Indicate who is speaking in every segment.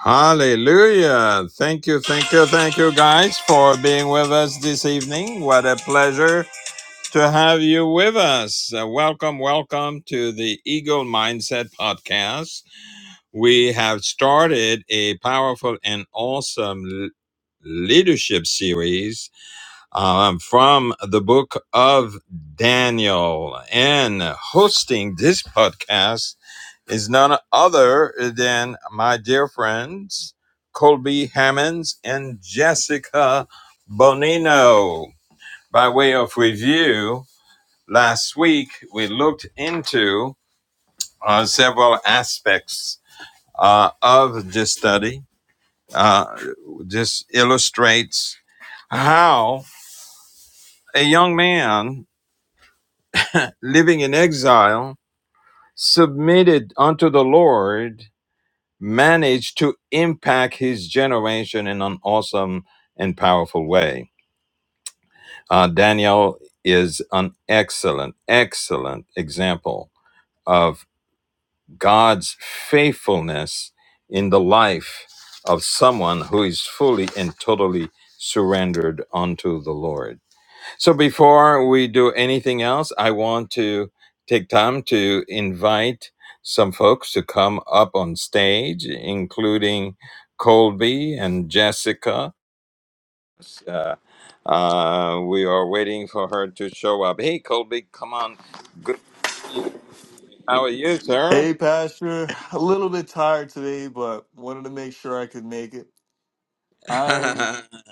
Speaker 1: Hallelujah. Thank you, thank you, thank you, guys, for being with us this evening. What a pleasure to have you with us. Uh, welcome, welcome to the Eagle Mindset Podcast. We have started a powerful and awesome l- leadership series um, from the book of Daniel. And hosting this podcast is none other than my dear friends Colby Hammonds and Jessica Bonino. By way of review, last week we looked into uh, several aspects uh, of this study. Uh, this illustrates how a young man living in exile submitted unto the Lord managed to impact his generation in an awesome and powerful way. Uh, Daniel is an excellent, excellent example of God's faithfulness in the life of someone who is fully and totally surrendered unto the Lord. So before we do anything else, I want to take time to invite some folks to come up on stage, including Colby and Jessica. Uh, uh, we are waiting for her to show up. Hey, Colby, come on. Good. to see you. How are you, sir?
Speaker 2: Hey, Pastor. A little bit tired today, but wanted to make sure I could make it. I am.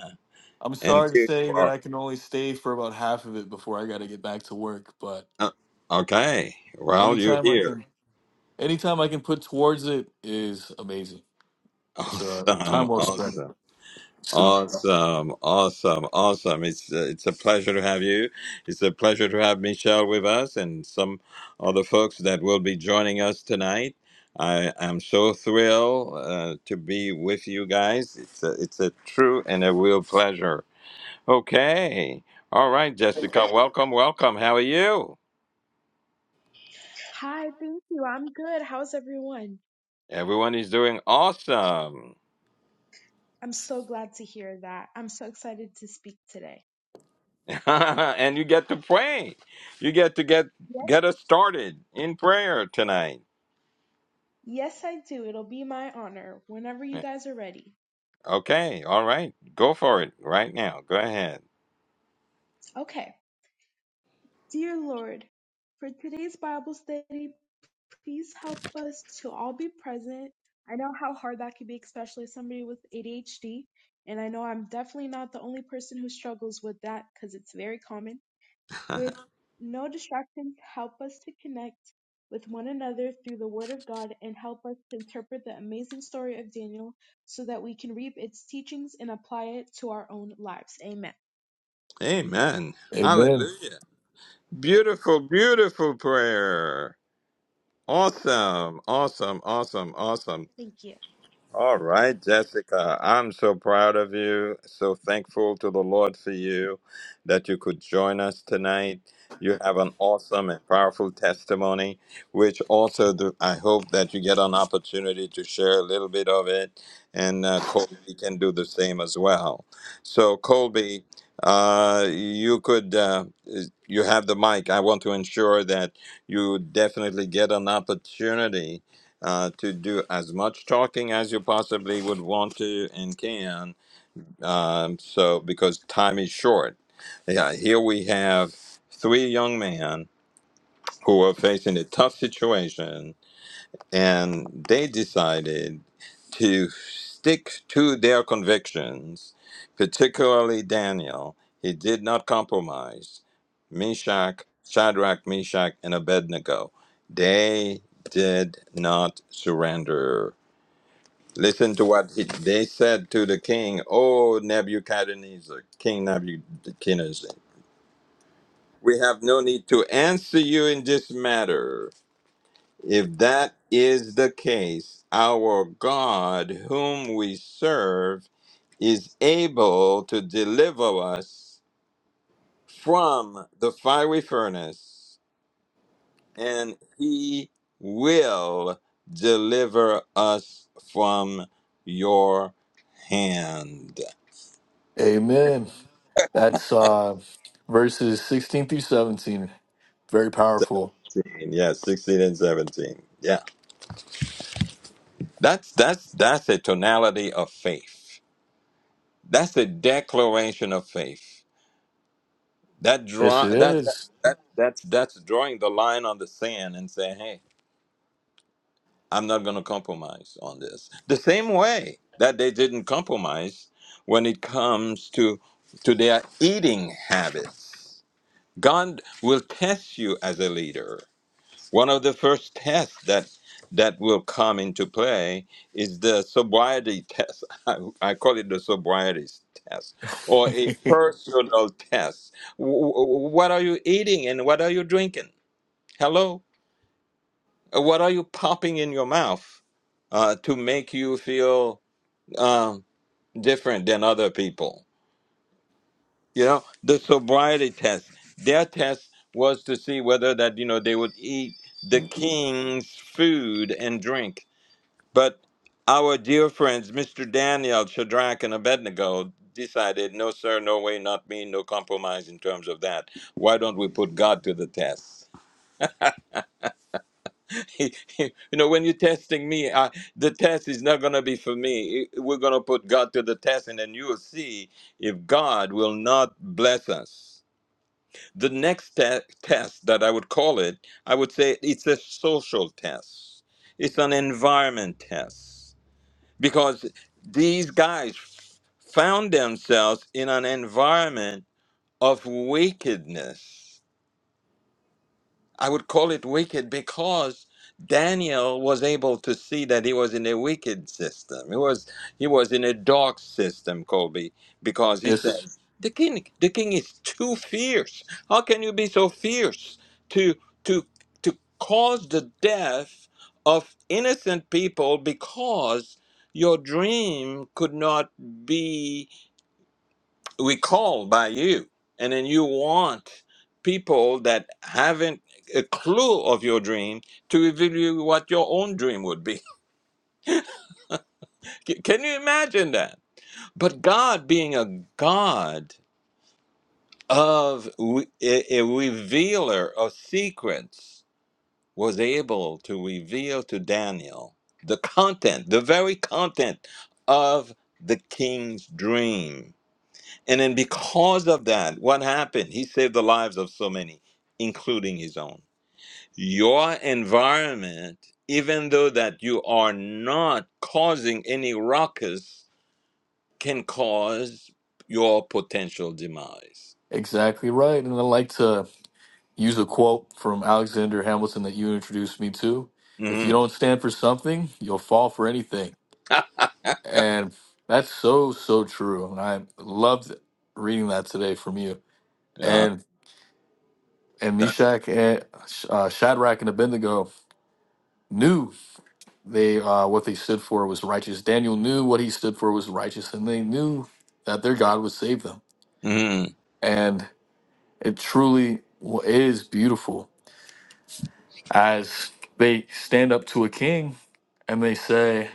Speaker 2: I'm
Speaker 1: and
Speaker 2: sorry to
Speaker 1: here
Speaker 2: say
Speaker 1: you
Speaker 2: that
Speaker 1: are.
Speaker 2: I can only stay for about half of it before I got to get back to work. But
Speaker 1: Uh, okay. Well, you're
Speaker 2: anytime I
Speaker 1: here.
Speaker 2: can, anytime I can put towards it is amazing. It's a uh, time
Speaker 1: Awesome.
Speaker 2: well spent.
Speaker 1: Awesome.
Speaker 2: So,
Speaker 1: Awesome, awesome, awesome. It's uh, it's a pleasure to have you. It's a pleasure to have Michelle with us and some other folks that will be joining us tonight. I am so thrilled uh, to be with you guys. It's a, it's a true and a real pleasure. Okay. All right, Jessica, welcome, welcome. How are you?
Speaker 3: Hi, thank you. I'm good. How's everyone?
Speaker 1: Everyone is doing awesome.
Speaker 3: I'm so glad to hear that. I'm so excited to speak today.
Speaker 1: and you get to pray. You get to get
Speaker 3: Yes,
Speaker 1: get us started in prayer tonight.
Speaker 3: yes, I do. It'll be my honor whenever you guys are ready.
Speaker 1: Okay, all right. Go for it right now. Go ahead.
Speaker 3: Okay. Dear Lord, for today's Bible study, please help us to all be present. I know how hard that could be, especially somebody with ADHD. And I know I'm definitely not the only person who struggles with that because it's very common. with no distractions help us to connect with one another through the word of God and help us to interpret the amazing story of Daniel so that we can reap its teachings and apply it to our own lives. Amen.
Speaker 1: Amen.
Speaker 2: Amen.
Speaker 1: Hallelujah. Beautiful, beautiful prayer. Awesome, awesome, awesome, awesome.
Speaker 3: Thank you.
Speaker 1: All right, Jessica, I'm so proud of you. So thankful to the Lord for you that you could join us tonight. You have an awesome and powerful testimony, which also do, I hope that you get an opportunity to share a little bit of it. And uh, Colby can do the same as well. So, Colby, uh, you could, uh, you have the mic. I want to ensure that you definitely get an opportunity uh, to do as much talking as you possibly would want to and can. Um, so, because time is short. Yeah, here we have three young men who are facing a tough situation, and they decided to stick to their convictions, particularly Daniel. He did not compromise. Meshach, Shadrach, Meshach, and Abednego. They did not surrender Listen to what he, they said to the king, O Nebuchadnezzar, King Nebuchadnezzar, we have no need to answer you in this matter. If that is the case, our God, whom we serve, is able to deliver us from the fiery furnace, and he will deliver us from your hand.
Speaker 2: Amen. That's uh, verses 16 through 17. Very powerful.
Speaker 1: 16, yeah, 16 and 17. Yeah. That's that's that's a tonality of faith. That's a declaration of faith. That
Speaker 2: Yes,
Speaker 1: draw
Speaker 2: it
Speaker 1: that that,
Speaker 2: is.
Speaker 1: that that's that's drawing the line on the sand and saying, "Hey, I'm not going to compromise on this." The same way that they didn't compromise when it comes to to their eating habits. God will test you as a leader. One of the first tests that that will come into play is the sobriety test. I, I call it the sobriety test or a personal test. W- w- what are you eating and what are you drinking? Hello? Uh, What are you popping in your mouth uh, to make you feel um, different than other people? You know, the sobriety test, their test was to see whether that, you know, they would eat the king's food and drink But our dear friends, Mr. Daniel, Shadrach, and Abednego, decided no, sir, no way, not me, no compromise in terms of that. Why don't we put God to the test? you know, when you're testing me, I, the test is not going to be for me. We're going to put God to the test, and then you will see if God will not bless us. The next te- test that I would call it, I would say it's a social test, it's an environment test because these guys found themselves in an environment of wickedness I would call it wicked because Daniel was able to see that he was in a wicked system. He was he was in a dark system, Colby, because he
Speaker 2: yes,
Speaker 1: says the king the king is too fierce. How can you be so fierce to to to cause the death of innocent people because your dream could not be we call by you and then you want people that haven't a clue of your dream to reveal you what your own dream would be C- can you imagine that but god being a god of re- a, a revealer of secrets was able to reveal to daniel the content the very content of the king's dream And then because of that, what happened? He saved the lives of so many, including his own. Your environment, even though that you are not causing any ruckus, can cause your potential demise.
Speaker 2: exactly right. And I like to. use a quote from Alexander Hamilton that you introduced me to. If
Speaker 1: hmm
Speaker 2: you don't stand for something, you'll fall for anything. And that's so, so true. And I loved reading that today from you.
Speaker 1: yeah.
Speaker 2: And and
Speaker 1: That,
Speaker 2: Meshach and uh, Shadrach and Abednego knew they uh, what they stood for was righteous. Daniel knew what he stood for was righteous, and they knew that their God would save them.
Speaker 1: mhm.
Speaker 2: And it truly is beautiful as they stand up to a king and they say,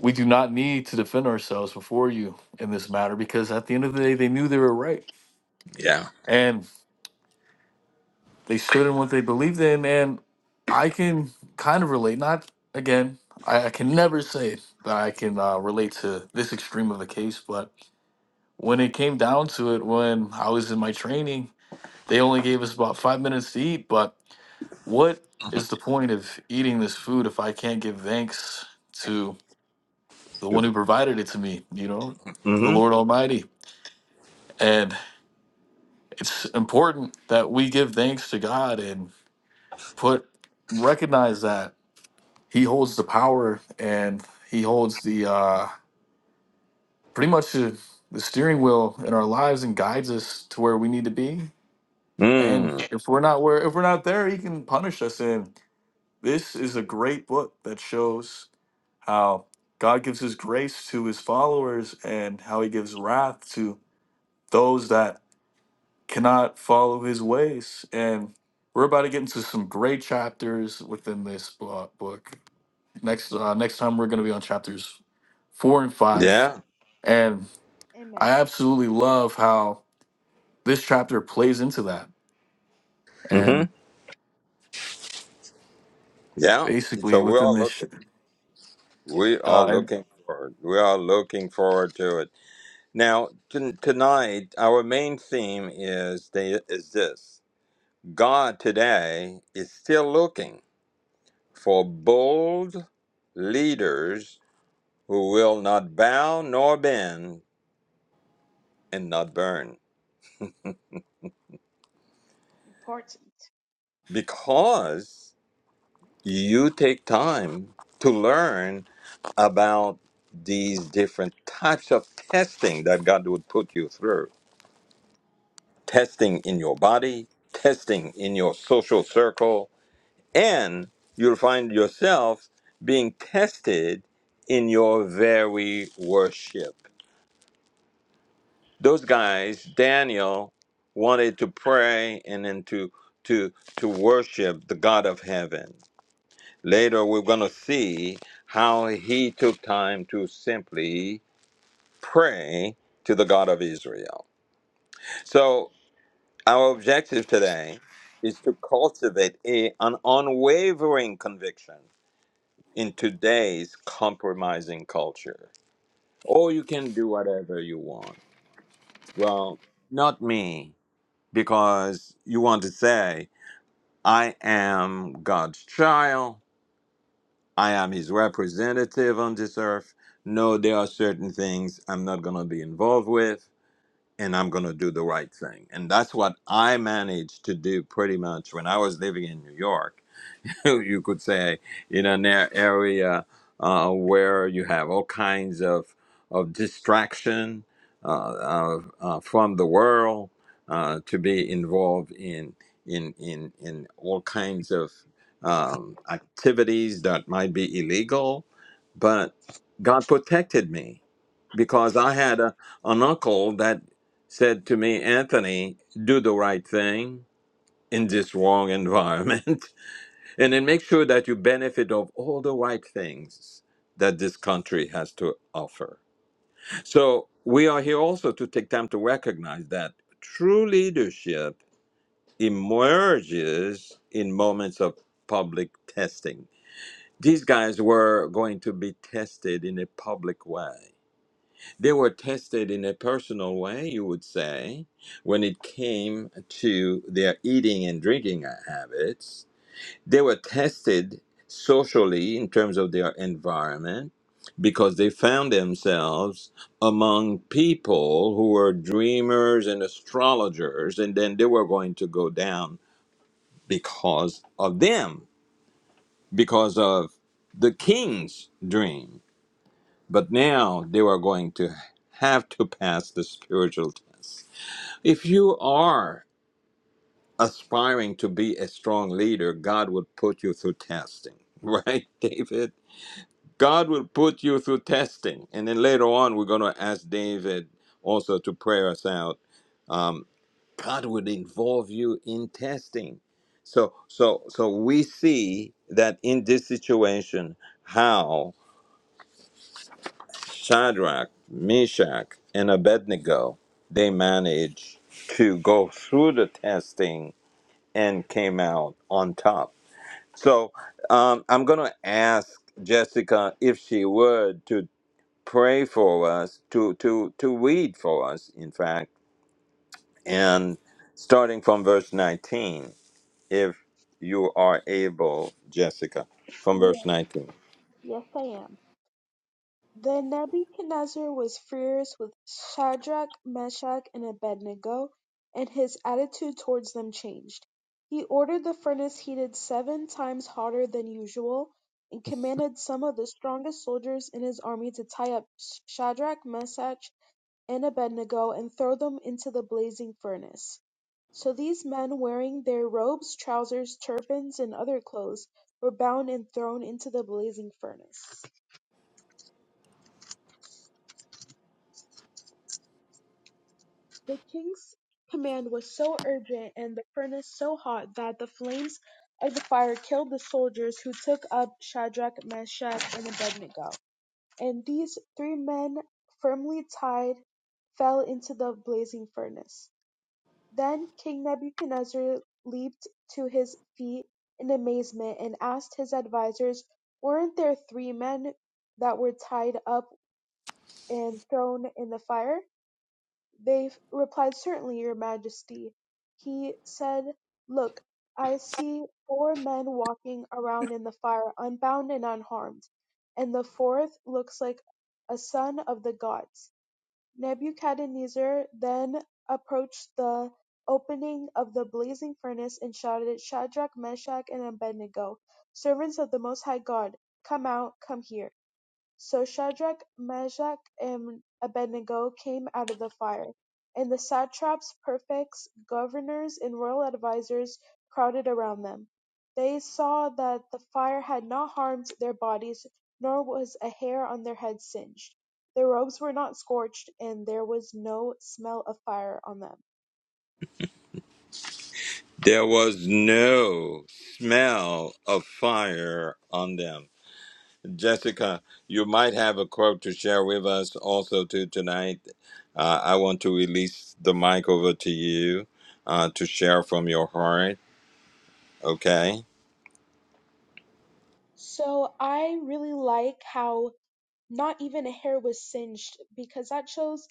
Speaker 2: We do not need to defend ourselves before you in this matter because at the end of the day, they knew they were right
Speaker 1: Yeah.
Speaker 2: and they stood in what they believed in. And I can kind of relate, not again, I, I can never say that I can uh, relate to this extreme of the case, but when it came down to it, when I was in my training, they only gave us about five minutes to eat. But what is the point of eating this food if I can't give thanks? to the one who provided it to me, you know, the
Speaker 1: Mm-hmm.
Speaker 2: Lord Almighty. And it's important that we give thanks to God and put recognize that He holds the power and He holds the uh, pretty much the, the steering wheel in our lives and guides us to where we need to be. And
Speaker 1: Mm.
Speaker 2: if we're not where if we're not there, He can punish us. And this is a great book that shows how God gives His grace to His followers and how He gives wrath to those that cannot follow his ways. And we're about to get into some great chapters within this blo- book. Next uh, next time we're going to be on chapters four and five,
Speaker 1: Yeah.
Speaker 2: and
Speaker 3: Amen.
Speaker 2: I absolutely love how this chapter plays into that.
Speaker 1: hmm
Speaker 2: And
Speaker 1: Yeah.
Speaker 2: basically,
Speaker 1: So we
Speaker 2: within
Speaker 1: are
Speaker 2: this, sh-
Speaker 1: looking. We are
Speaker 2: uh, and-
Speaker 1: looking forward. We are looking forward to it. Now, t- tonight, our main theme is, they, is this God today is still looking for bold leaders who will not bow nor bend and not burn.
Speaker 3: Important.
Speaker 1: Because you take time to learn about these different types of testing that God would put you through testing in your body, testing in your social circle and you'll find yourself being tested in your very worship. Those guys, Daniel wanted to pray and then to to to worship the God of heaven. Later we're going to see how he took time to simply pray to the God of Israel. So our objective today is to cultivate a, an unwavering conviction in today's compromising culture. Or you can do whatever you want. Well, not me, because you want to say, I am God's child, I am his representative on this earth. No, there are certain things I'm not going to be involved with, and I'm going to do the right thing. And that's what I managed to do pretty much when I was living in New York. you could say, in an a- area uh, where you have all kinds of, of distraction uh, uh, uh, from the world, uh, to be involved in, in, in, in all kinds of um, activities that might be illegal. But God protected me because I had a, an uncle that said to me, Anthony, do the right thing in this wrong environment. and then make sure that you benefit of all the right things that this country has to offer. So we are here also to take time to recognize that true leadership emerges in moments of public testing. These guys were going to be tested in a public way. They were tested in a personal way, you would say, when it came to their eating and drinking habits they were tested socially in terms of their environment because they found themselves among people who were dreamers and astrologers and then they were going to go down because of them because of the king's dream but now they were going to have to pass the spiritual test if you are aspiring to be a strong leader god would put you through testing right david God will put you through testing. And then later on, we're going to ask David also to pray us out. Um, God would involve you in testing. So, so, so we see that in this situation, how Shadrach, Meshach, and Abednego they managed to go through the testing and came out on top. So, um, I'm going to ask Jessica if she would to pray for us, to, to, to read for us, in fact, and starting from verse 19, if you are able, Jessica, from verse
Speaker 3: Yes,
Speaker 1: 19.
Speaker 3: yes I am. Then Nebuchadnezzar was furious with Shadrach, Meshach, and Abednego, and his attitude towards them changed. He ordered the furnace heated seven times hotter than usual, and commanded some of the strongest soldiers in his army to tie up Shadrach, Meshach, and Abednego and throw them into the blazing furnace. So these men, wearing their robes, trousers, turbans, and other clothes, were bound and thrown into the blazing furnace. The king's command was so urgent and the furnace so hot that the flames of the fire killed the soldiers who took up Shadrach, Meshach, and Abednego. And these three men, firmly tied, fell into the blazing furnace. Then King Nebuchadnezzar leaped to his feet in amazement and asked his advisers, Weren't there three men that were tied up and thrown in the fire? They replied, "Certainly, your Majesty." He said, "Look, I see four men walking around in the fire, unbound and unharmed, and the fourth looks like a son of the gods." Nebuchadnezzar then approached the opening of the blazing furnace and shouted, "Shadrach, Meshach, and Abednego, servants of the Most High God, come out, come here!" So Shadrach, Meshach, and Abednego came out of the fire, and the satraps, prefects, governors, and royal advisers crowded around them. They saw that the fire had not harmed their bodies, nor was a hair on their heads singed. Their robes were not scorched, and there was no smell of fire on them.
Speaker 1: There was no smell of fire on them. Jessica, you might have a quote to share with us also too tonight. Uh, I want to release the mic over to you uh, to share from your heart. Okay.
Speaker 3: So I really like how Not even a hair was singed because that shows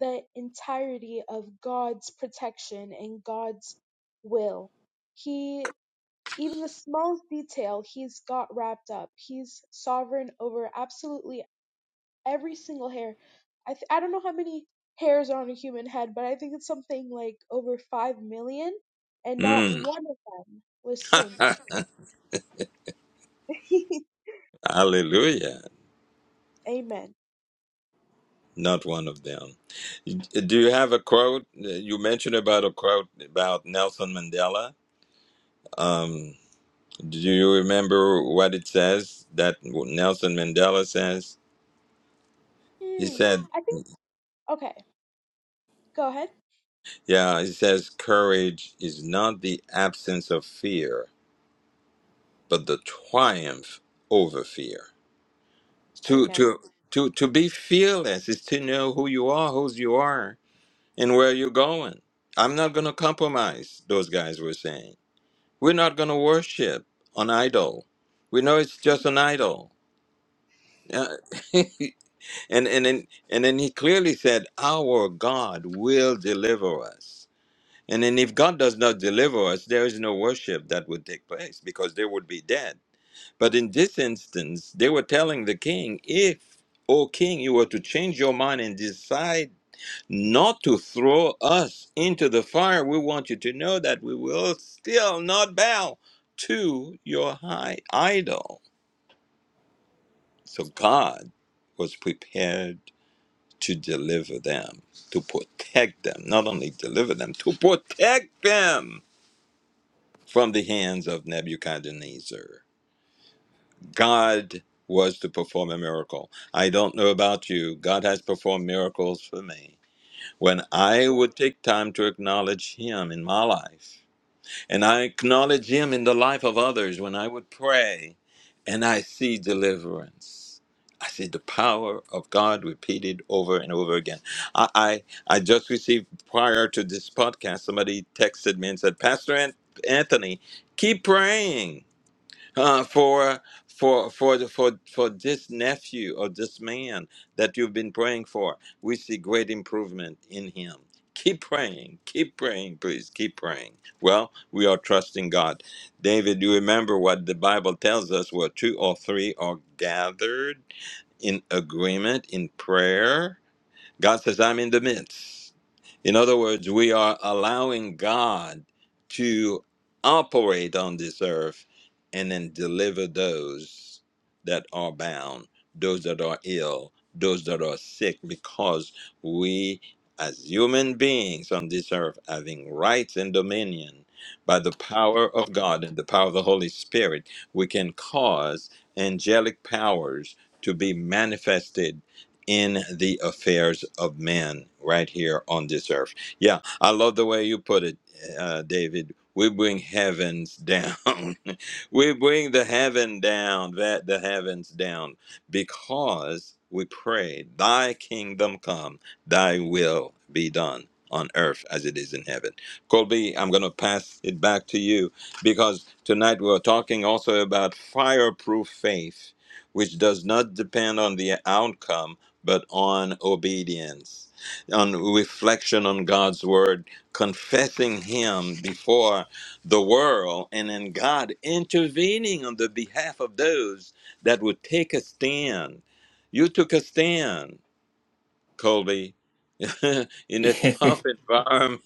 Speaker 3: the entirety of God's protection and God's will. He, even the smallest detail, he's got wrapped up. He's sovereign over absolutely every single hair. I, th- I don't know how many hairs are on a human head, but I think it's something like over 5 million, and not
Speaker 1: Mm.
Speaker 3: one of them was singed.
Speaker 1: Hallelujah.
Speaker 3: Amen.
Speaker 1: Not one of them. Do you have a quote? You mentioned about a quote about Nelson Mandela. Um, do you remember what it says that Nelson Mandela says? He
Speaker 3: Hmm.
Speaker 1: said,
Speaker 3: I think, okay, go ahead.
Speaker 1: yeah, he says, courage is not the absence of fear, but the triumph over fear. To,
Speaker 3: Amen.
Speaker 1: to, to, to be fearless is to know who you are, whose you are, and where you're going. I'm not going to compromise, those guys were saying. We're not going to worship an idol. We know it's just an idol. Uh, and and then and then he clearly said, "Our God will deliver us." And then if God does not deliver us, there is no worship that would take place because they would be dead. But in this instance, they were telling the king, "If, O king, you were to change your mind and decide." not to throw us into the fire. We want you to know that we will still not bow to your high idol. So God was prepared to deliver them, to protect them, not only deliver them, to protect them from the hands of Nebuchadnezzar. God was to perform a miracle. I don't know about you, God has performed miracles for me. When I would take time to acknowledge Him in my life, And I acknowledge Him in the life of others when I would pray and I see deliverance. I see the power of God repeated over and over again. I, I, I just received prior to this podcast, somebody texted me and said, Pastor An- Anthony, keep praying uh, for for for the, for for this nephew or this man that you've been praying for. We see great improvement in him. Keep praying, keep praying, please, keep praying. Well, we are trusting God. David, you remember what the Bible tells us: where two or three are gathered in agreement in prayer. God says, I'm in the midst. In other words, we are allowing God to operate on this earth and then deliver those that are bound, those that are ill, those that are sick, because we, as human beings on this earth, having rights and dominion by the power of God and the power of the Holy Spirit, we can cause angelic powers to be manifested in the affairs of man right here on this earth. Yeah, I love the way you put it, uh, David. We bring heavens down. we bring the heaven down, that the heavens down, because we pray, Thy kingdom come, Thy will be done on earth as it is in heaven. Colby, I'm going to pass it back to you because tonight we're talking also about fireproof faith which does not depend on the outcome but on obedience, on reflection on God's word, confessing Him before the world, and then God intervening on the behalf of those that would take a stand. You took a stand, Colby, in a tough environment,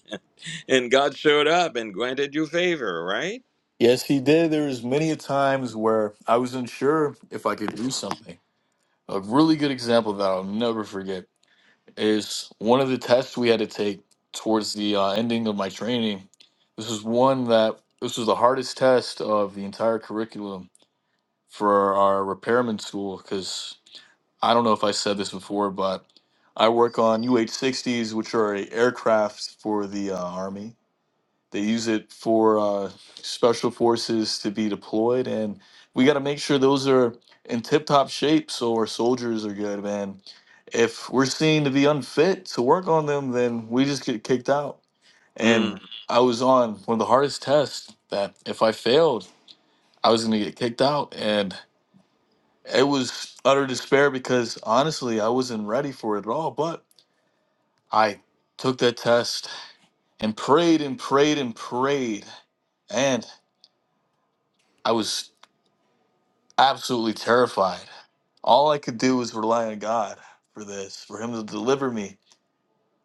Speaker 1: and God showed up and granted you favor, right?
Speaker 2: yes, he did. There was many a times where I was unsure if I could do something. A really good example that I'll never forget is one of the tests we had to take towards the uh, ending of my training. This is one that this was the hardest test of the entire curriculum for our repairman school because I don't know if I said this before, but I work on UH-60s, which are a aircraft for the uh, Army they use it for uh, special forces to be deployed, and we got to make sure those are in tip-top shape so our soldiers are good, man. If we're seen to be unfit to work on them, then we just get kicked out.
Speaker 1: Mm.
Speaker 2: And I was on one of the hardest tests that if I failed, I was going to get kicked out, and it was utter despair because honestly, I wasn't ready for it at all. But I took that test and prayed and prayed and prayed, and I was absolutely terrified. All I could do was rely on God for this, for Him to deliver me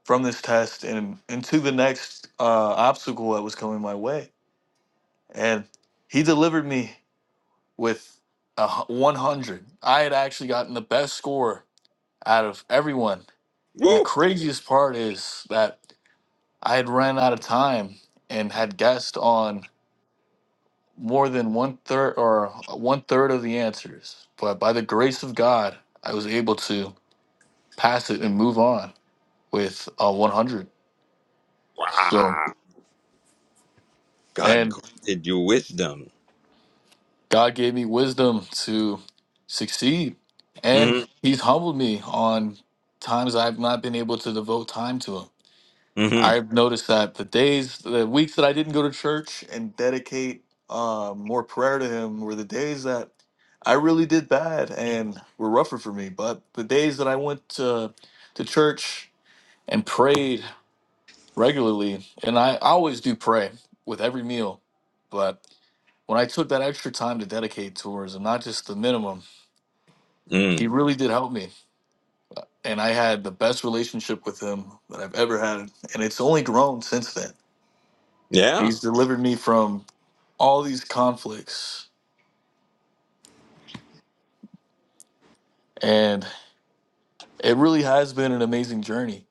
Speaker 2: from this test and into the next uh, obstacle that was coming my way. And He delivered me with a hu- 100. I had actually gotten the best score out of everyone. And the
Speaker 1: Woo!
Speaker 2: craziest part is that I had ran out of time and had guessed on more than one third or one third of the answers. But by the grace of God, I was able to. pass it and move on with a 100. So,
Speaker 1: Wow. God
Speaker 2: and
Speaker 1: granted you wisdom.
Speaker 2: God gave me wisdom to succeed, and
Speaker 1: Mm-hmm.
Speaker 2: He's humbled me on times I've not been able to devote time to Him.
Speaker 1: Mm-hmm.
Speaker 2: I've noticed that the days, the weeks that I didn't go to church and dedicate uh, more prayer to Him were the days that I really did bad and were rougher for me. But the days that I went to to church and prayed regularly, and I, I always do pray with every meal. But when I took that extra time to dedicate towards and not just the minimum, he
Speaker 1: Mm.
Speaker 2: really did help me. And I had the best relationship with him that I've ever had. And it's only grown since then.
Speaker 1: Yeah.
Speaker 2: He's delivered me from all these conflicts. And it really has been an amazing journey.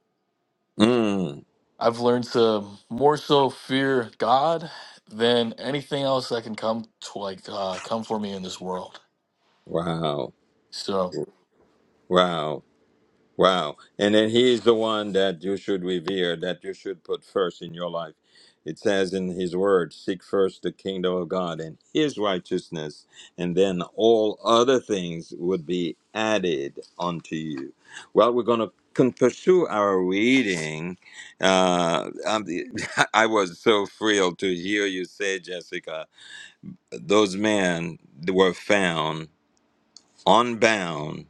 Speaker 1: Mm.
Speaker 2: I've learned to more so fear God than anything else that can come to like uh, come for me in this world.
Speaker 1: Wow,
Speaker 2: So
Speaker 1: wow, wow. And then he is the one that you should revere, that you should put first in your life. It says in his word, seek first the kingdom of God and his righteousness, and then all other things would be added unto you. Well, we're going to con- pursue our reading. Uh, um, I was so thrilled to hear you say, Jessica, those men were found unbound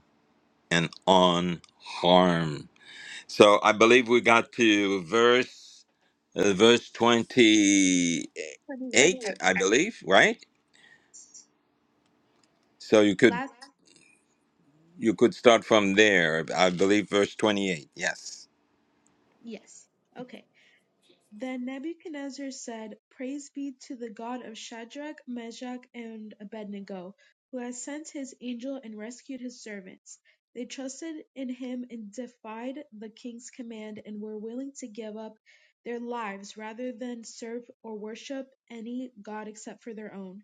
Speaker 1: and unharmed. So I believe we got to verse uh, verse 28
Speaker 3: 28, I
Speaker 1: I
Speaker 3: believe.
Speaker 1: believe, right? So you could
Speaker 3: Last,
Speaker 1: you could start from there. I believe verse 28. Yes.
Speaker 3: yes. Okay. Then Nebuchadnezzar said, Praise be to the God of Shadrach, Meshach, and Abednego, who has sent his angel and rescued his servants. They trusted in him and defied the king's command and were willing to give up their lives rather than serve or worship any god except for their own.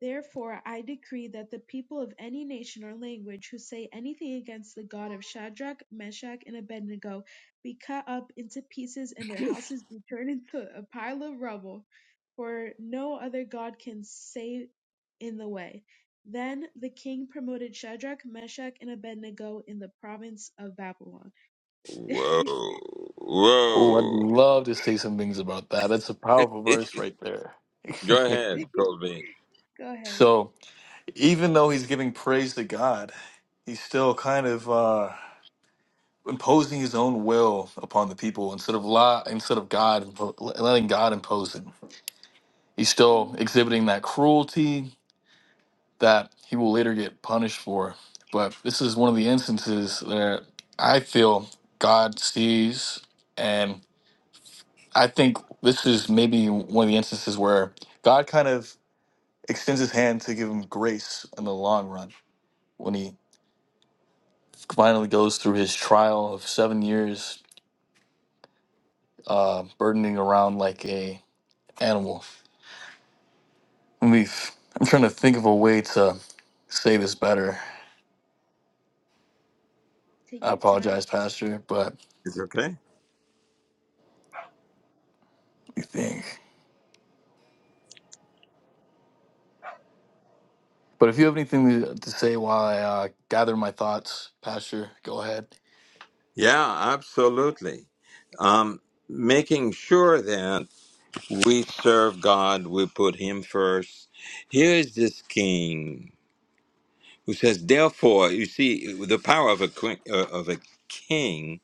Speaker 3: Therefore I decree that the people of any nation or language who say anything against the God of Shadrach, Meshach, and Abednego be cut up into pieces and their houses be turned into a pile of rubble, for no other God can save in the way. Then the king promoted Shadrach, Meshach, and Abednego in the province of Babylon.
Speaker 1: Whoa.
Speaker 2: Oh, I'd
Speaker 1: Whoa.
Speaker 2: love to say some things about that. That's a powerful verse right there.
Speaker 1: Go ahead, Colby.
Speaker 3: Go ahead.
Speaker 2: so, even though he's giving praise to God, he's still kind of uh, imposing his own will upon the people instead of law, instead of God, impo- letting God impose it. He's still
Speaker 3: Mhm.
Speaker 2: exhibiting that cruelty that he will later get punished for. But this is one of the instances that I feel God sees I think this is maybe one of the instances where God kind of extends his hand to give him grace in the long run when he finally goes through his trial of seven years uh, burdening around like a animal. Let me, I'm trying to think of a way to say this better.
Speaker 3: Take
Speaker 2: I
Speaker 3: your time.
Speaker 2: apologize, Pastor, but
Speaker 1: It's okay.
Speaker 2: let me think. But if you have anything to to say while I uh, gather my thoughts, Pastor, go ahead.
Speaker 1: Yeah, absolutely. Um, making sure that we serve God, we put Him first. Here is this king. who says, "Therefore, you see, the power of a qu- uh, of a king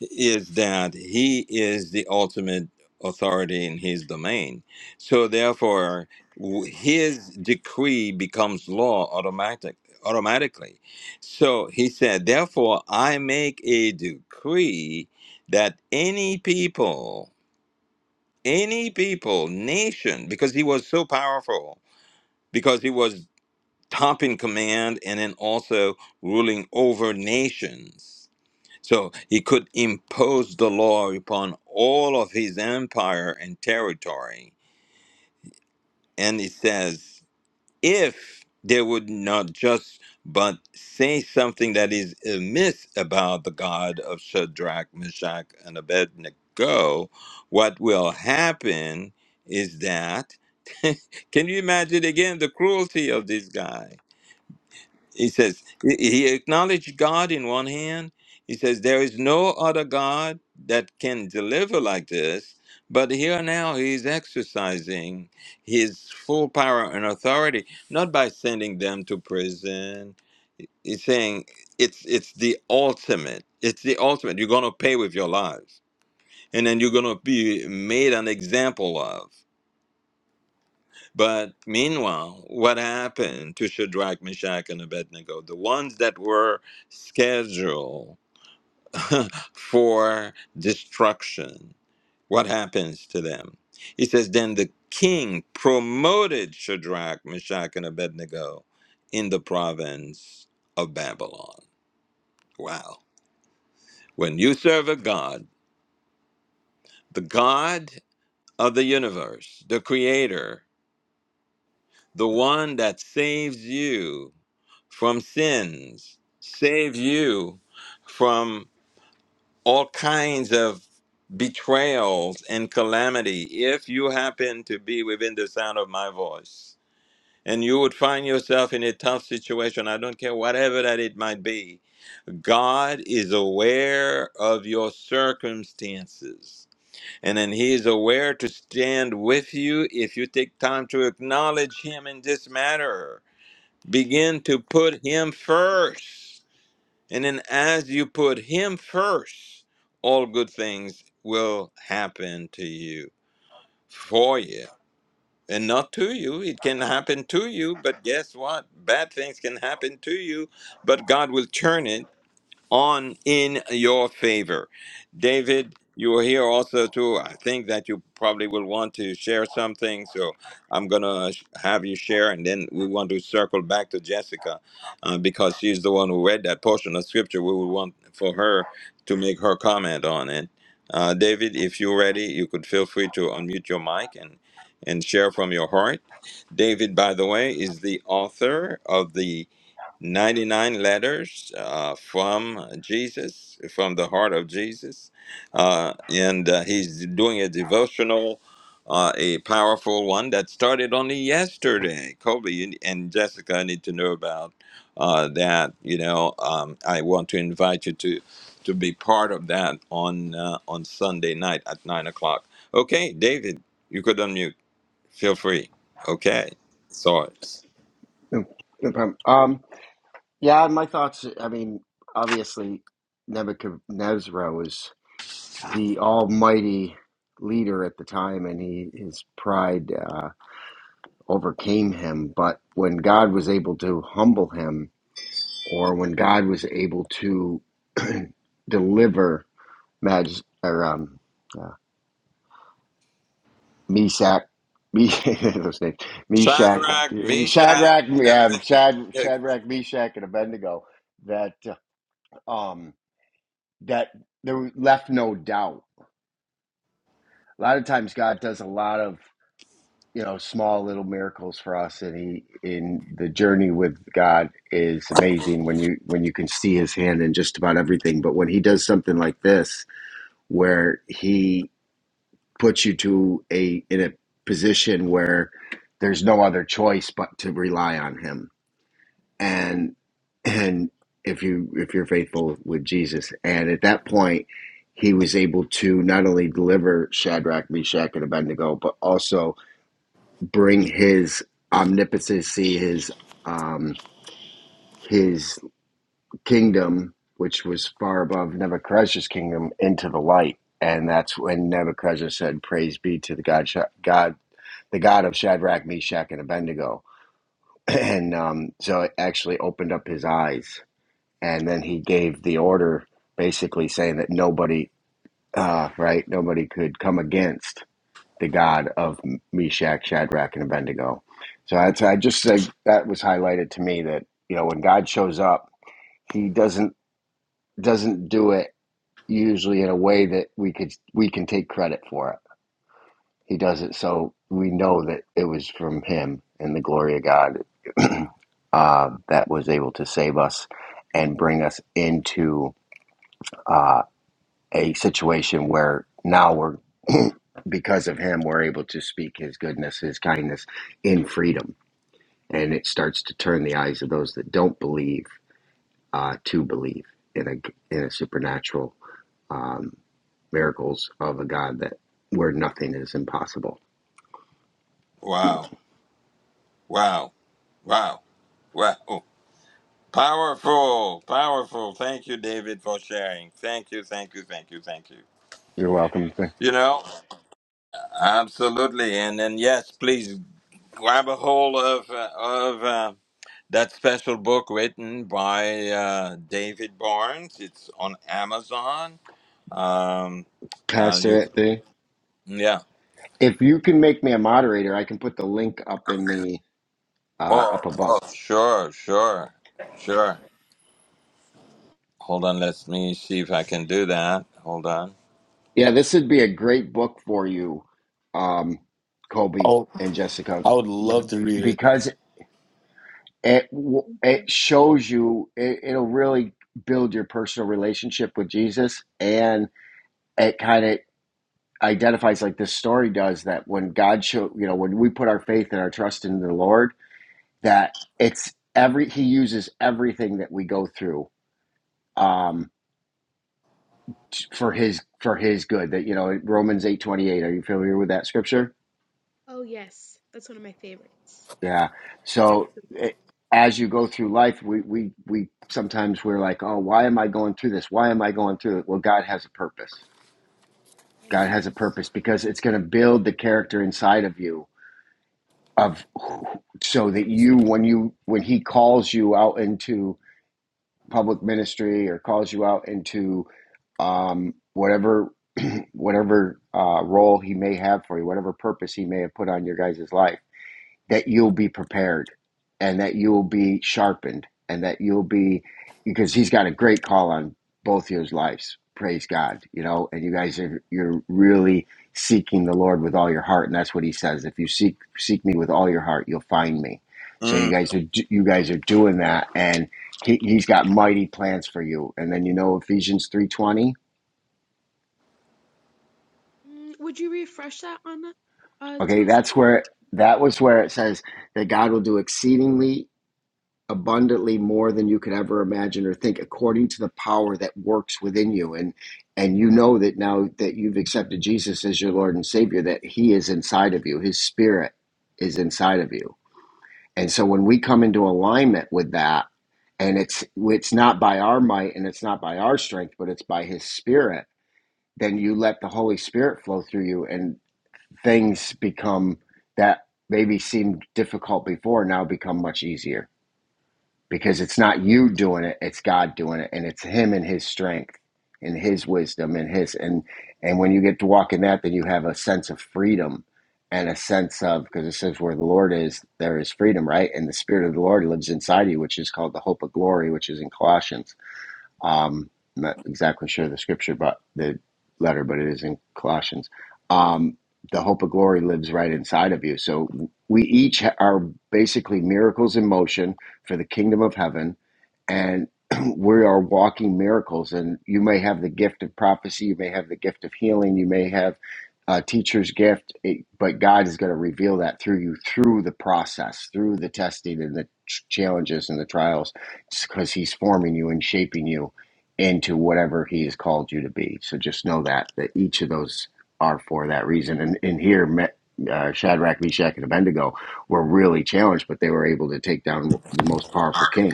Speaker 1: is that he is the ultimate authority in his domain. So, therefore, w- his decree becomes law automatic." automatically so he said therefore i make a decree that any people any people nation because he was so powerful because he was top in command and then also ruling over nations. So he could impose the law upon all of his empire and territory. And it says, if they would not just but say something that is amiss about the God of Shadrach, Meshach, and Abednego, what will happen is that. Can you imagine again the cruelty of this guy? He says, he he acknowledged God in one hand. He says, there is no other God that can deliver like this. But here now he's exercising his full power and authority, not by sending them to prison. He's saying it's it's the ultimate. It's the ultimate. You're gonna pay with your lives. And then you're gonna be made an example of. But meanwhile, what happened to Shadrach, Meshach, and Abednego? The ones that were scheduled for destruction, what happens to them? He says, Then the king promoted Shadrach, Meshach, and Abednego in the province of Babylon. Wow. When you serve a God, the God of the universe, the creator, the one that saves you from sins, save you from all kinds of betrayals and calamity if you happen to be within the sound of my voice. And you would find yourself in a tough situation, I don't care whatever that it might be. God is aware of your circumstances. And then He is aware to stand with you if you take time to acknowledge Him in this matter. Begin to put Him first and then as you put him first, all good things will happen to you for you. And not to you. It can happen to you, but guess what? Bad things can happen to you, but God will turn it on in your favor. David, you are here also too. I think that you probably will want to share something, so I'm gonna sh- have you share, and then we want to circle back to Jessica uh, because she's the one who read that portion of scripture. We would want for her to make her comment on it. Uh, David, if you're ready, you could feel free to unmute your mic and and share from your heart. David, by the way, is the author of the 99 letters uh, from Jesus, from the heart of Jesus. Uh, and uh, he's doing a devotional, uh, a powerful one that started only yesterday. Kobe you- and Jessica need to know about uh, that. You know, um, I want to invite you to to be part of that on uh, on Sunday night at nine o'clock. Okay, David, you could unmute. Feel free. Okay, sorry.
Speaker 4: No, no problem. Um, yeah, my thoughts. I mean, obviously, Nebuchadnezzar was the almighty leader at the time, and he his pride uh, overcame him. But when God was able to humble him, or when God was able to deliver Maj or um, uh, Meshach. Me- those names, Meshach,
Speaker 1: Shadrach, Meshach,
Speaker 4: Shadrach,
Speaker 1: and
Speaker 4: yeah, Shad,
Speaker 1: everything.
Speaker 4: Shadrach, Meshach, and Abednego. That um, that there left no doubt. A lot of times God does a lot of you know small little miracles for us, and he in the journey with God is amazing when you when you can see His hand in just about everything. But when He does something like this, where He puts you to a in a position where there's no other choice but to rely on Him, and and if you if you're faithful with Jesus. And at that point, he was able to not only deliver Shadrach, Meshach, and Abednego, but also bring his omnipotency, his um, his kingdom, which was far above Nebuchadnezzar's kingdom, into the light. And that's when Nebuchadnezzar said, "Praise be to the God, God, the God of Shadrach, Meshach, and Abednego." And um, so it actually opened up his eyes and then he gave the order basically saying that nobody uh, right nobody could come against the god of meshach shadrach and abednego so that's i just said that was highlighted to me that you know when god shows up he doesn't doesn't do it usually in a way that we could we can take credit for it he does it so we know that it was from him and the glory of god uh, that was able to save us and bring us into uh, a situation where now we're because of him we're able to speak his goodness his kindness in freedom and it starts to turn the eyes of those that don't believe uh, to believe in a in a supernatural um, miracles of a god that where nothing is impossible
Speaker 1: Wow. Wow. Wow. Wow. Oh, Powerful. Powerful. Thank you, David, for sharing. Thank you, thank you, thank you, thank you.
Speaker 4: you're welcome th-
Speaker 1: You know, absolutely. And then, yes, please grab a hold of, uh, of uh, that special book written by uh, David Barnes. It's on Amazon. Um, uh, you,
Speaker 4: pastor
Speaker 1: c-
Speaker 4: Anthony.
Speaker 1: yeah.
Speaker 4: if you can make me a moderator i can put the link up in the uh,
Speaker 1: Oh,
Speaker 4: up above
Speaker 1: oh, sure, sure, sure. Hold on, let me see if I can do that. Hold on.
Speaker 4: Yeah, this would be a great book for you, um, Kobe
Speaker 2: Oh,
Speaker 4: and Jessica,
Speaker 2: I would love to read it.
Speaker 4: because it w-
Speaker 3: Thank you.
Speaker 4: it shows you it, it'll really build your personal relationship with Jesus, and it kind of identifies like this story does that when God show you know when we put our faith and our trust in the Lord that it's every He uses everything that we go through um, t- for His for His good. That you know Romans eight twenty eight. Are you familiar with that scripture?
Speaker 3: Oh, yes. That's one of my favorites.
Speaker 4: Yeah.
Speaker 3: Absolutely.
Speaker 4: So it, as you go through life, we, we, we sometimes we're like, oh, why am I going through this? Why am I going through it? Well, God has a purpose.
Speaker 3: Amen.
Speaker 4: God has a purpose because it's going to build the character inside of you of so that you when you when he calls you out into public ministry or calls you out into um, whatever whatever uh, role he may have for you whatever purpose he may have put on your guys' life that you'll be prepared and that you'll be sharpened and that you'll be because he's got a great call on both of his lives praise god you know and you guys are you're really seeking the lord with all your heart and that's what he says if you seek seek me with all your heart you'll find me so you
Speaker 1: Mm,
Speaker 4: guys are you guys are doing that and he, he's got mighty plans for you and then you know ephesians 3.20
Speaker 3: Mm, would you refresh that on uh to
Speaker 4: okay
Speaker 3: us,
Speaker 4: that's
Speaker 3: please?
Speaker 4: where that was where it says that god will do exceedingly abundantly more than you could ever imagine or think according to the power that works within you and and you know that now that you've accepted Jesus as your Lord and Savior that he is inside of you his spirit is inside of you and so when we come into alignment with that and it's it's not by our might and it's not by our strength but it's by his spirit then you let the holy spirit flow through you and things become that maybe seemed difficult before now become much easier because it's
Speaker 3: Yes.
Speaker 4: not you doing it it's god doing it and it's him and his strength and his wisdom and his and and when you get to walk in that then you have a sense of freedom and a sense of
Speaker 3: Mhm.
Speaker 4: because it says where the lord is there is freedom right and the spirit of the lord lives inside you which is called the hope of glory which is in colossians um, I'm not exactly sure the scripture, but the letter, but it is in Colossians. Um, the hope of glory lives right inside of you. So we each ha- are basically miracles in motion for the kingdom of heaven and we are walking miracles. And you may have the gift of prophecy, you may have the gift of healing, you may have a teacher's gift, it, but God is going to reveal that through you through the process, through the testing and the ch- challenges and the trials, because He's forming you and shaping you into whatever He has called you to be. So just know that that each of those are for that reason. And and here. Me- uh, Shadrach, Meshach, and Abednego were really challenged, but they were able to take down the most powerful king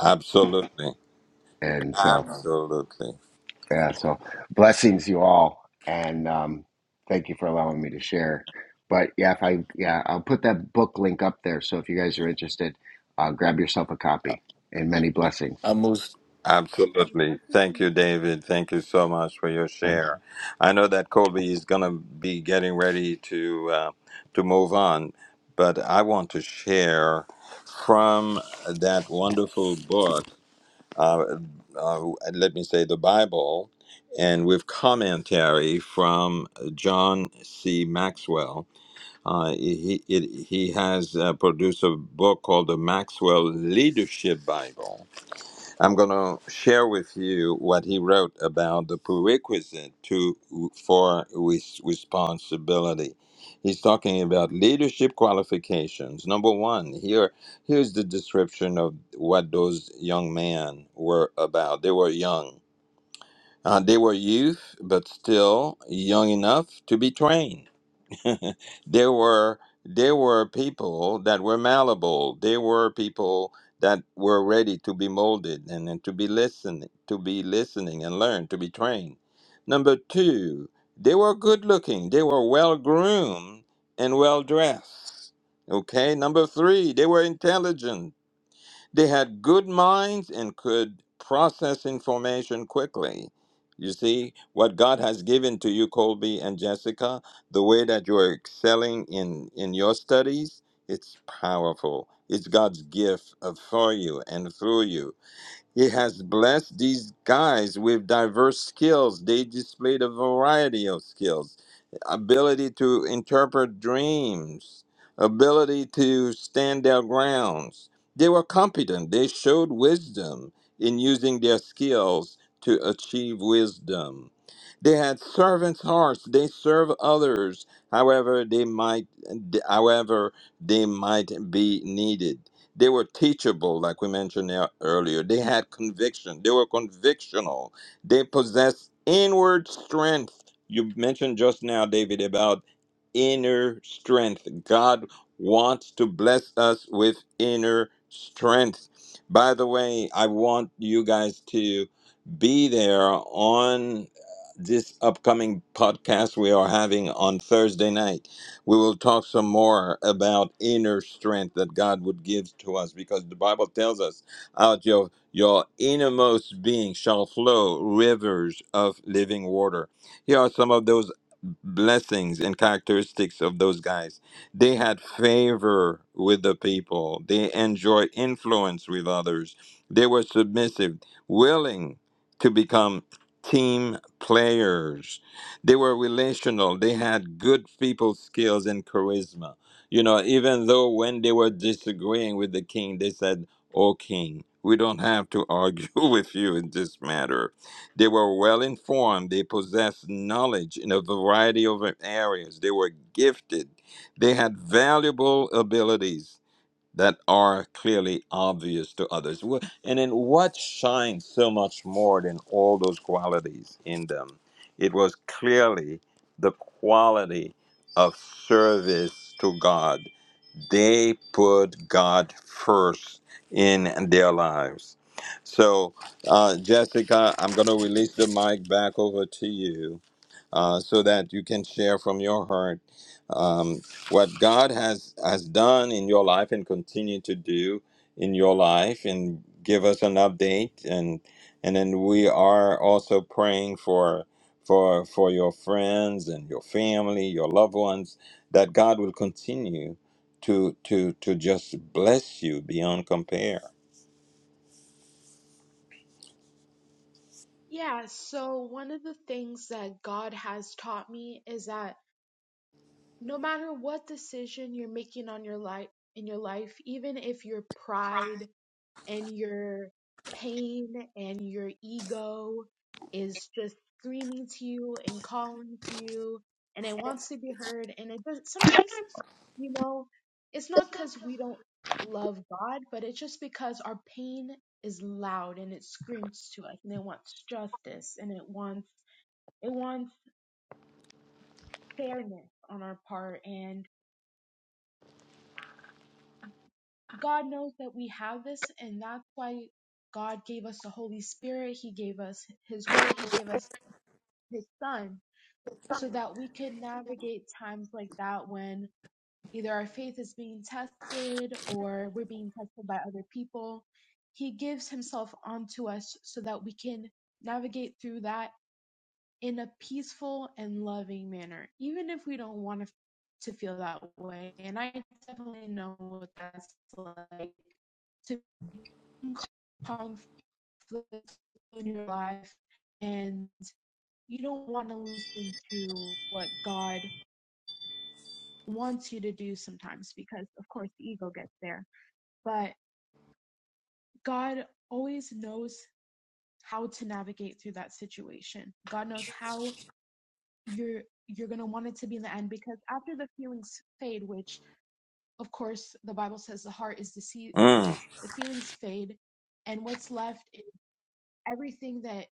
Speaker 1: absolutely.
Speaker 4: And so,
Speaker 3: Thank you.
Speaker 1: Absolutely.
Speaker 4: yeah, so blessings you all. And um, thank you for allowing me to share. But yeah, if I, yeah, I'll put that book link up there. So if you guys are interested, uh, grab yourself a
Speaker 2: I-
Speaker 4: copy and many blessings.
Speaker 2: I'm most
Speaker 3: Thank you.
Speaker 1: Absolutely.
Speaker 3: Blessings to
Speaker 1: Thank
Speaker 3: you
Speaker 1: you,
Speaker 3: too.
Speaker 1: David. Thank you so much for your
Speaker 4: Uh,
Speaker 1: share. I know that Colby is going to be getting ready to uh, to move on, but I want to share from that wonderful book. Uh, uh, let me say the Bible, and with commentary from John C. Maxwell Uh, he, it, he has uh, produced a book called the Maxwell Leadership Bible. I'm going to share with you what he wrote about the prerequisite to for res- responsibility. He's talking about leadership qualifications. Number one, here here's the description of what those young men were about. They were young. Uh, they were youth, but still young enough to be trained there were there were people that were malleable. There were people that were ready to be molded and, and to be listening, to be listening and learn, to be trained. Number two, they were good looking. They were well groomed and well dressed. Okay. Number three, they were intelligent. They had good minds and could process information quickly. You see, what God has given to you, Colby and Jessica, the way that you are excelling in, in your studies, it's powerful. It's God's gift of- for you and through you. He has blessed these guys with diverse skills. They displayed a variety of skills ability to interpret dreams, ability to stand their grounds. They were competent. They showed wisdom in using their skills to achieve wisdom. They had servants' hearts. They serve others, however they might, however they might be needed. They were teachable, like we mentioned ear- earlier. They had conviction. They were convictional. They possessed inward strength. You mentioned just now, David, about inner strength. God wants to bless us with inner strength. By the way, I want you guys to be there on this upcoming podcast we are having on Thursday night we will talk some more about inner strength that God would give to us because the Bible tells us out your your innermost being shall flow rivers of living water. Here are some of those blessings and characteristics of those guys. They had favor with the people. They enjoyed influence with others. They were submissive, willing to become team players they were relational. They had good people skills and charisma. You know, even though when they were disagreeing with the king, they said, "O king, we don't have to argue with you in this matter." They were well informed. They possessed knowledge in a variety of areas. They were gifted. They had valuable abilities that are clearly obvious to others. Wh- And in what shines so much more than all those qualities in them? It was clearly the quality of service to God. They put God first in their lives. So, uh, Jessica, I'm going to release the mic back over to you uh, so that you can share from your heart um, what God has has done in your life and continue to do in your life and give us an update and and then we are also praying for for for your friends and your family, your loved ones that God will continue to to to just bless you beyond compare.
Speaker 3: Yeah, so one of the things that God has taught me is that no matter what decision you're making on your life in your life, even if your pride and your pain and your ego is just screaming to you and calling to you and it wants to be heard and it does sometimes you know, it's not because we don't love God, but it's just because our pain is loud and it screams to us and it wants justice and it wants it wants fairness on our part and God knows that we have this and that's why God gave us the Holy Spirit, He gave us His Word, He gave us His Son, so that we could navigate times like that when either our faith is being tested or we're being tested by other people. He gives himself onto us so that we can navigate through that in a peaceful and loving manner, even if we don't want to, to feel that way. And I definitely know what that's like to be in conflict in your life and you don't want to listen to what God wants you to do sometimes because, of course, the ego gets there. But God always knows how to navigate through that situation. God knows how you're you're going to want it to be in the end because after the feelings fade, which of course the Bible says the heart is
Speaker 1: Mm,
Speaker 3: deceitful, the feelings fade and what's left is everything that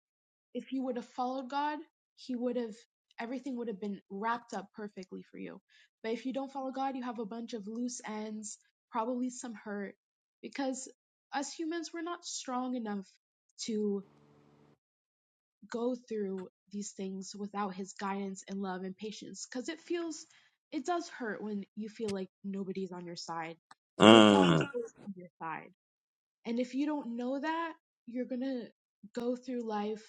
Speaker 3: if you would have followed God, He would have everything would have been wrapped up perfectly for you. But if you don't follow God, you have a bunch of loose ends, probably some hurt, because us humans we're not strong enough to go through these things without His guidance and love and patience, because it feels it does hurt when you feel like nobody's on your side, but God is
Speaker 1: mm,
Speaker 3: always on your side. And if you don't know that, you're gonna go through life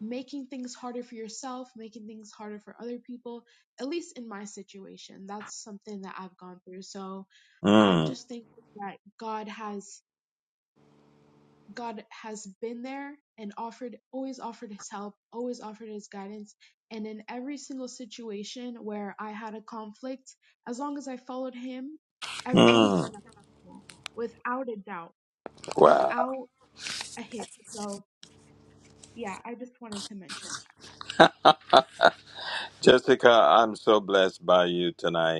Speaker 3: making things harder for yourself, making things harder for other people. At least in my situation, that's something that I've gone through. So I'm
Speaker 1: mm,
Speaker 3: just thankful that God has God has been there and offered always offered his help, always offered his guidance. And in every single situation where I had a conflict, as long as I followed him, everything turned
Speaker 1: mm.
Speaker 3: out okay, without a doubt,
Speaker 1: Wow.
Speaker 3: without a hit. So yeah, I just wanted to mention
Speaker 1: Jessica, I'm so blessed by you tonight.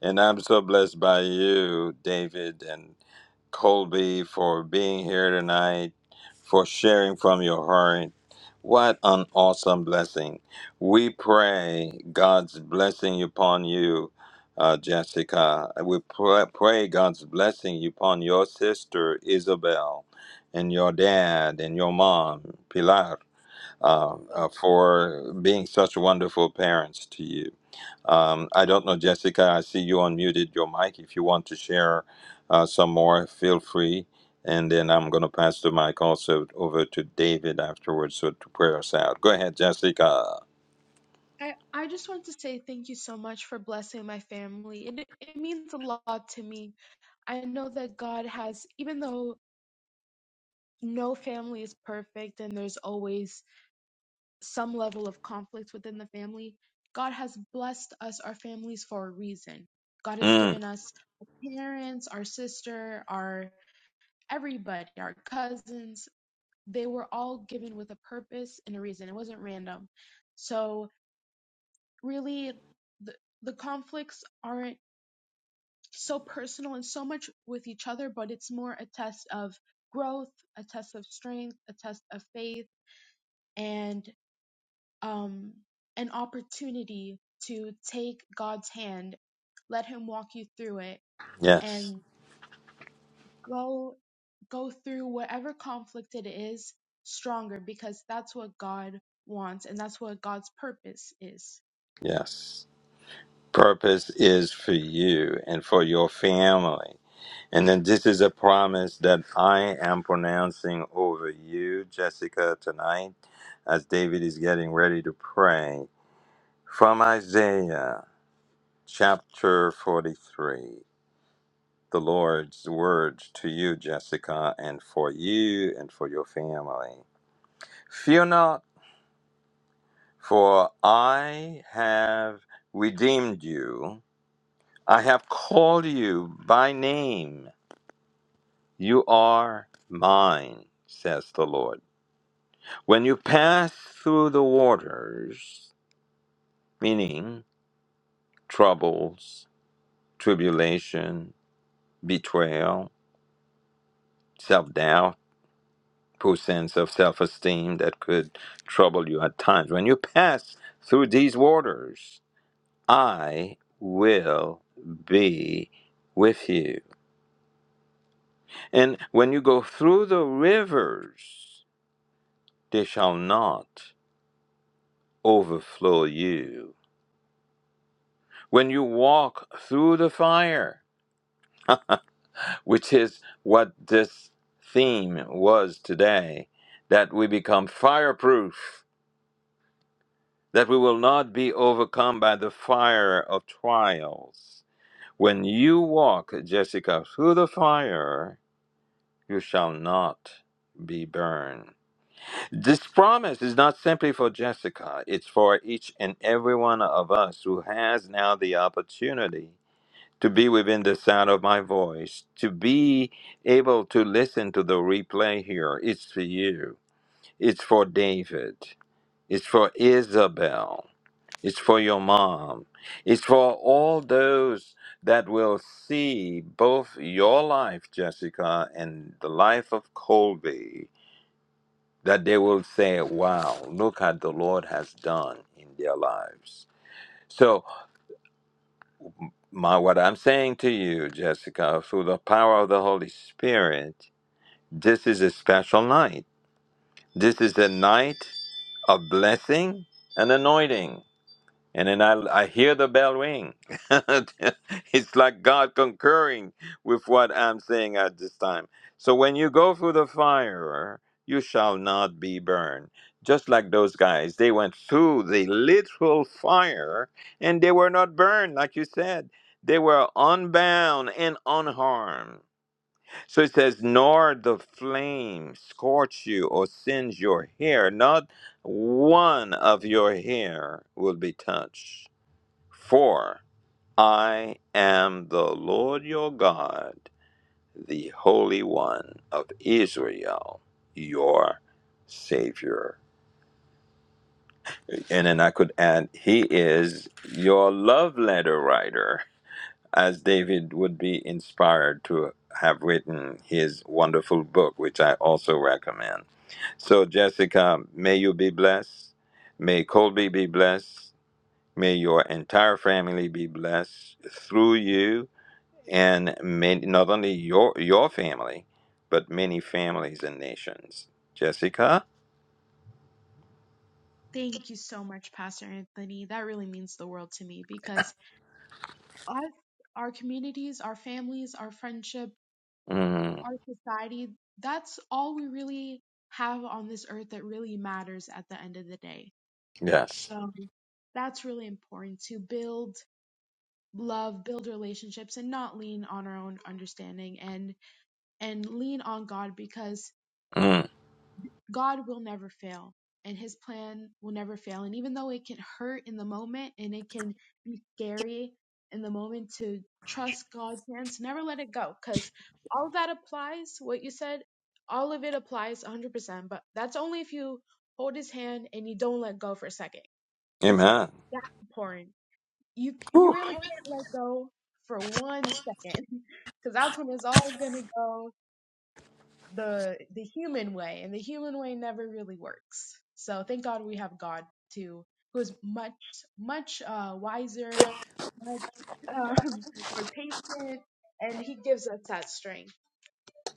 Speaker 1: And I'm so blessed by you, David and Colby, for being here tonight, for sharing from your heart. What an awesome blessing. We pray God's blessing upon you, uh, Jessica. We pray, pray God's blessing upon your sister, Isabel, and your dad, and your mom, Pilar, uh,
Speaker 3: that.
Speaker 1: uh, for being such wonderful parents to you. Um, I don't know, Jessica. I see you unmuted your mic. If you want to share uh, some more, feel free. And then I'm going to pass the mic also over to David afterwards so to pray us out. Go ahead, Jessica.
Speaker 3: I, I just want to say thank you so much for blessing my family. It, it means a lot to me. I know that God has, even though no family is perfect and there's always some level of conflict within the family, God has blessed us, our families, for a reason. God has
Speaker 1: Mm,
Speaker 3: given us our parents, our sister, our everybody, our cousins. They were all given with a purpose and a reason. It wasn't random. So, really, the, the conflicts aren't so personal and so much with each other, but it's more a test of growth, a test of strength, a test of faith, and um, an opportunity to take God's hand, let Him walk you through it,
Speaker 1: yes,
Speaker 3: and go go through whatever conflict it is stronger because that's what God wants and that's what God's purpose is.
Speaker 1: yes. Purpose is for you and for your family. And then this is a promise that I am pronouncing over you, Jessica, tonight as David is getting ready to pray from Isaiah. Chapter 43 The Lord's Word to you, Jessica, and for you and for your family. Fear not, for I have redeemed you. I have called you by name. You are mine, says the Lord. When you pass through the waters, meaning troubles, tribulation, betrayal, self doubt, Poor sense of self esteem that could trouble you at times. When you pass through these waters, I will be with you. And when you go through the rivers, they shall not overflow you. When you walk through the fire, which is what this theme was today, that we become fireproof that we will not be overcome by the fire of trials. When you walk, Jessica, through the fire, you shall not be burned. This promise is not simply for Jessica, it's for each and every one of us who has now the opportunity to be within the sound of my voice, to be able to listen to the replay here. It's for you, it's for David, it's for Isabel. It's for your mom. It's for all those that will see both your life, Jessica, and the life of Colby, that they will say, wow, look at the Lord has done in their lives. So, my, what I'm saying to you, Jessica, through the power of the Holy Spirit, this is a special night. This is a night of blessing and anointing. And then I, I hear the bell ring. it's like God concurring with what I'm saying at this time. So when you go through the fire, you shall not be burned. Just like those guys, they went through the literal fire and they were not burned, like you said. They were unbound and unharmed. So it says, Nor the flame scorch you or singe your hair. Not one of your hair will be touched. For I am the Lord your God, the Holy One of Israel, your Savior. And then I could add, He is your love letter writer, as David would be inspired to have written his wonderful book, which I also recommend. So, Jessica, may you be blessed. May Colby be blessed. May your entire family be blessed through you and many, not only your your family, but many families and nations. Jessica,
Speaker 3: Thank you so much, Pastor Anthony. That really means the world to me because us, our communities, our families, our friendship,
Speaker 1: mm,
Speaker 3: our society, that's all we really have on this earth that really matters at the end of the day.
Speaker 1: yes,
Speaker 3: So that's really important to build love, build relationships and not lean on our own understanding and and lean on God because
Speaker 1: mm,
Speaker 3: God will never fail and his plan will never fail. And even though it can hurt in the moment and it can be scary in the moment to trust God's hands, never let it go because all of that applies, what you said, all of it applies 100%. But that's only if you hold his hand and you don't let go for a second. It's
Speaker 1: Amen.
Speaker 3: that important. You, you
Speaker 1: Whew.
Speaker 3: really can't let go for one second because that's when it's all going to go the the human way and the human way never really works so thank god we have god too who is much much uh wiser much um more patient and he gives us that strength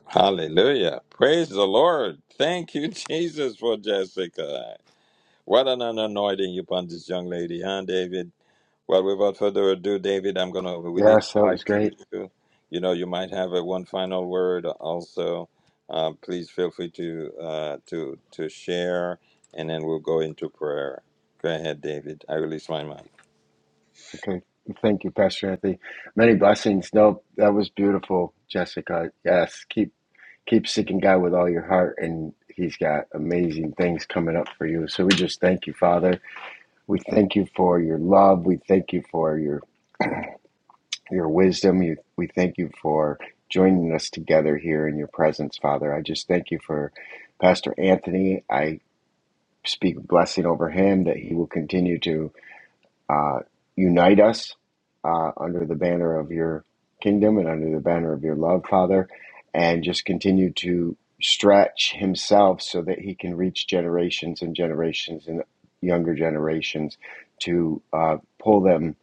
Speaker 1: Hallelujah! Praise the Lord. Thank you, Jesus, for Jessica. What an anointing upon this young lady, huh, David? Well, without further ado, David, I'm going to release
Speaker 4: Yeah,
Speaker 1: the
Speaker 4: so it was
Speaker 1: mic to
Speaker 4: great.
Speaker 1: you. You know, you might have a one final word also. Uh, please feel free to uh, to to share, and then we'll go into prayer. Go ahead, David. I release my mic.
Speaker 4: Okay. Thank you, Pastor Anthony. Many blessings. No, that was beautiful, Jessica. Yes. Keep, keep seeking God with all your heart. And he's got amazing things coming up for you. So we just thank you, Father. We thank you for your love. We thank you for your your wisdom. You, we thank you for joining us together here in your presence, Father. I just thank you for Pastor Anthony. I speak blessing over him that he will continue to uh, unite us uh, under the banner of your kingdom and under the banner of your love, Father, and just continue to stretch himself so that he can reach generations and generations and younger generations to uh, pull them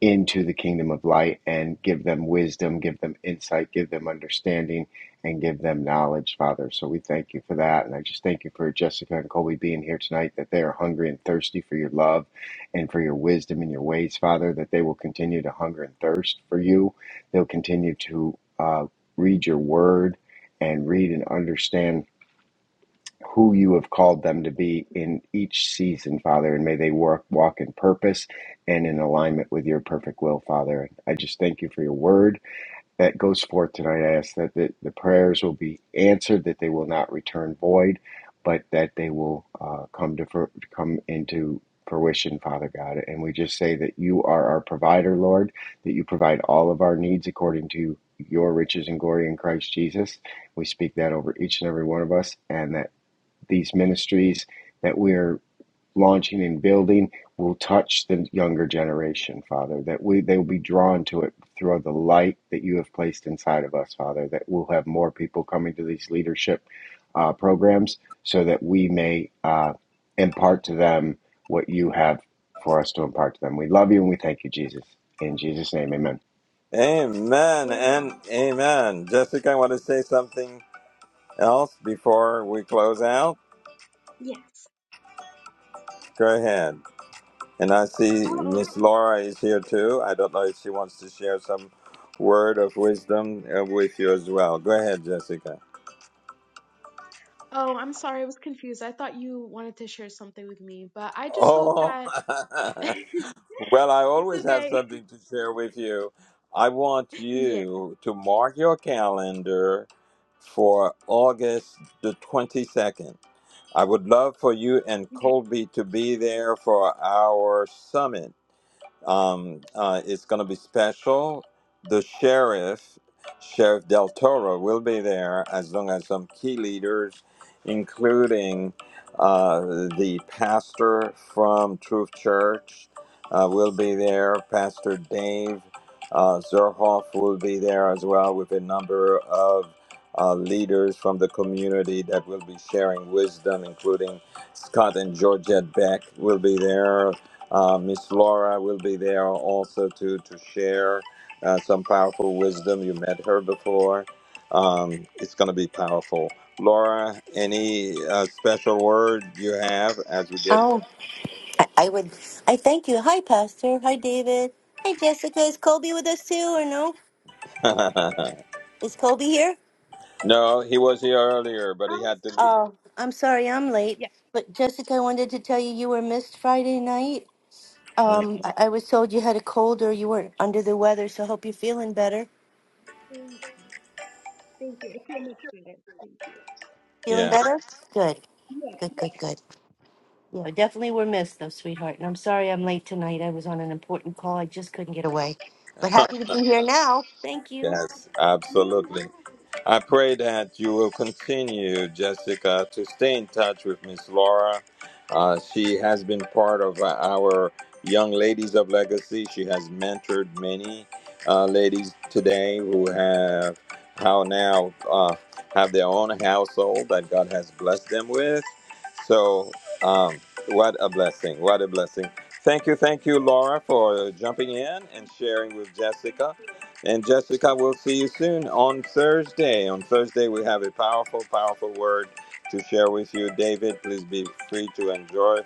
Speaker 4: into the kingdom of light and give them wisdom, give them insight, give them understanding, and give them knowledge, Father. So we thank you for that. And I just thank you for Jessica and Colby being here tonight, that they are hungry and thirsty for your love and for your wisdom and your ways, Father, that they will continue to hunger and thirst for you. They'll continue to uh, read your word and read and understand who you have called them to be in each season, Father, and may they work, walk in purpose and in alignment with your perfect will, Father. I just thank you for your word that goes forth tonight. I ask that the, the prayers will be answered, that they will not return void, but that they will uh, come to fr- come into fruition, Father God. And we just say that you are our provider, Lord, that you provide all of our needs according to your riches and glory in Christ Jesus. We speak that over each and every one of us, and that these ministries that we're launching and building will touch the younger generation, Father, that we they will be drawn to it through the light that you have placed inside of us, Father, that we'll have more people coming to these leadership uh, programs so that we may uh, impart to them what you have for us to impart to them. We love you and we thank you, Jesus. In Jesus' name, amen.
Speaker 1: Amen and
Speaker 3: amen
Speaker 1: amen. Jessica, I want to say something else before we close out.
Speaker 3: yes
Speaker 1: Go ahead. And I see
Speaker 3: oh
Speaker 1: Miss Laura is here too. I don't know if she wants to share some word of wisdom uh, with you as well. Go ahead, Jessica.
Speaker 3: oh i'm sorry i was confused i thought you wanted to share something with me but i just hope
Speaker 1: Oh,
Speaker 3: that
Speaker 1: well, I
Speaker 3: it's
Speaker 1: always have
Speaker 3: okay.
Speaker 1: something to share with you. I want
Speaker 3: Yes.
Speaker 1: you to mark your calendar for August the 22nd. I would love for you and
Speaker 3: Okay.
Speaker 1: Colby to be there for our summit Um, uh, it's going to be special. The sheriff, Sheriff Del Toro, will be there as long as some key leaders, including uh, the pastor from Truth Church, uh, will be there. Pastor Dave uh, Zerhoff will be there as well with a number of uh, leaders from the community that will be sharing wisdom, including Scott and Georgette Beck will be there. Uh, Miss Laura will be there also to to share uh, some powerful wisdom. You met her before. Um, it's going to be powerful. Laura, any uh, special word you have as we get?
Speaker 5: Oh, I, I would. I thank you. Hi, Pastor. Hi, David. Hi, Jessica. Is Colby with us too, or no? Is Colby here?
Speaker 1: no, he was here earlier, but he
Speaker 3: Oh,
Speaker 1: had to leave.
Speaker 5: Oh, I'm sorry, I'm late.
Speaker 3: yeah.
Speaker 5: But Jessica, I wanted to tell you you were missed Friday night.
Speaker 1: Mm,
Speaker 5: Um, I, I was told you had a cold or you were under the weather, so I hope you're feeling better.
Speaker 3: Thank you. Thank you. I feel much better. Thank you.
Speaker 5: Feeling
Speaker 1: yeah.
Speaker 5: better? Good.
Speaker 3: Yeah.
Speaker 5: Good. Good. Good. Yeah, definitely were missed though, sweetheart. And I'm sorry I'm late tonight. I was on an important call. I just couldn't get away. But happy to be here now. Thank you.
Speaker 1: Yes,
Speaker 3: Merry
Speaker 1: absolutely. I pray that you will continue, Jessica, to stay in touch with Miss Laura. Uh, she has been part of uh, our Young Ladies of Legacy. She has mentored many uh, ladies today who have how now uh, have their own household that God has blessed them with. So, um, what a blessing! What a blessing! Thank you, thank you, Laura, for jumping in and
Speaker 3: Thank you.
Speaker 1: sharing with Jessica. And Jessica, we'll see you soon on Thursday. On Thursday, we have a powerful, powerful word to share with you. David, please be free to enjoy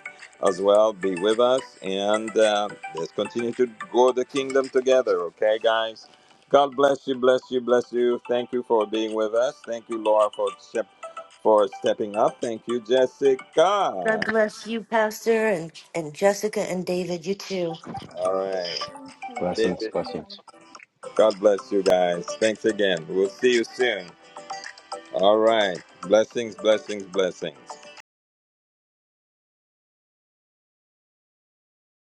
Speaker 1: as well. Be with us and uh, let's continue to grow the kingdom together, okay, guys? God bless you, bless you, bless you. Thank you for being with us. Thank you, Laura, for, step- for stepping up. Thank you, Jessica.
Speaker 5: God
Speaker 1: All
Speaker 5: bless you, Pastor, and, and Jessica and David, you too.
Speaker 1: right.
Speaker 3: Thank you. God bless
Speaker 4: Blessings,
Speaker 1: David,
Speaker 3: you.
Speaker 4: blessings.
Speaker 3: all.
Speaker 1: God bless you guys. Thanks again. We'll see you soon. All right. Blessings, blessings, blessings.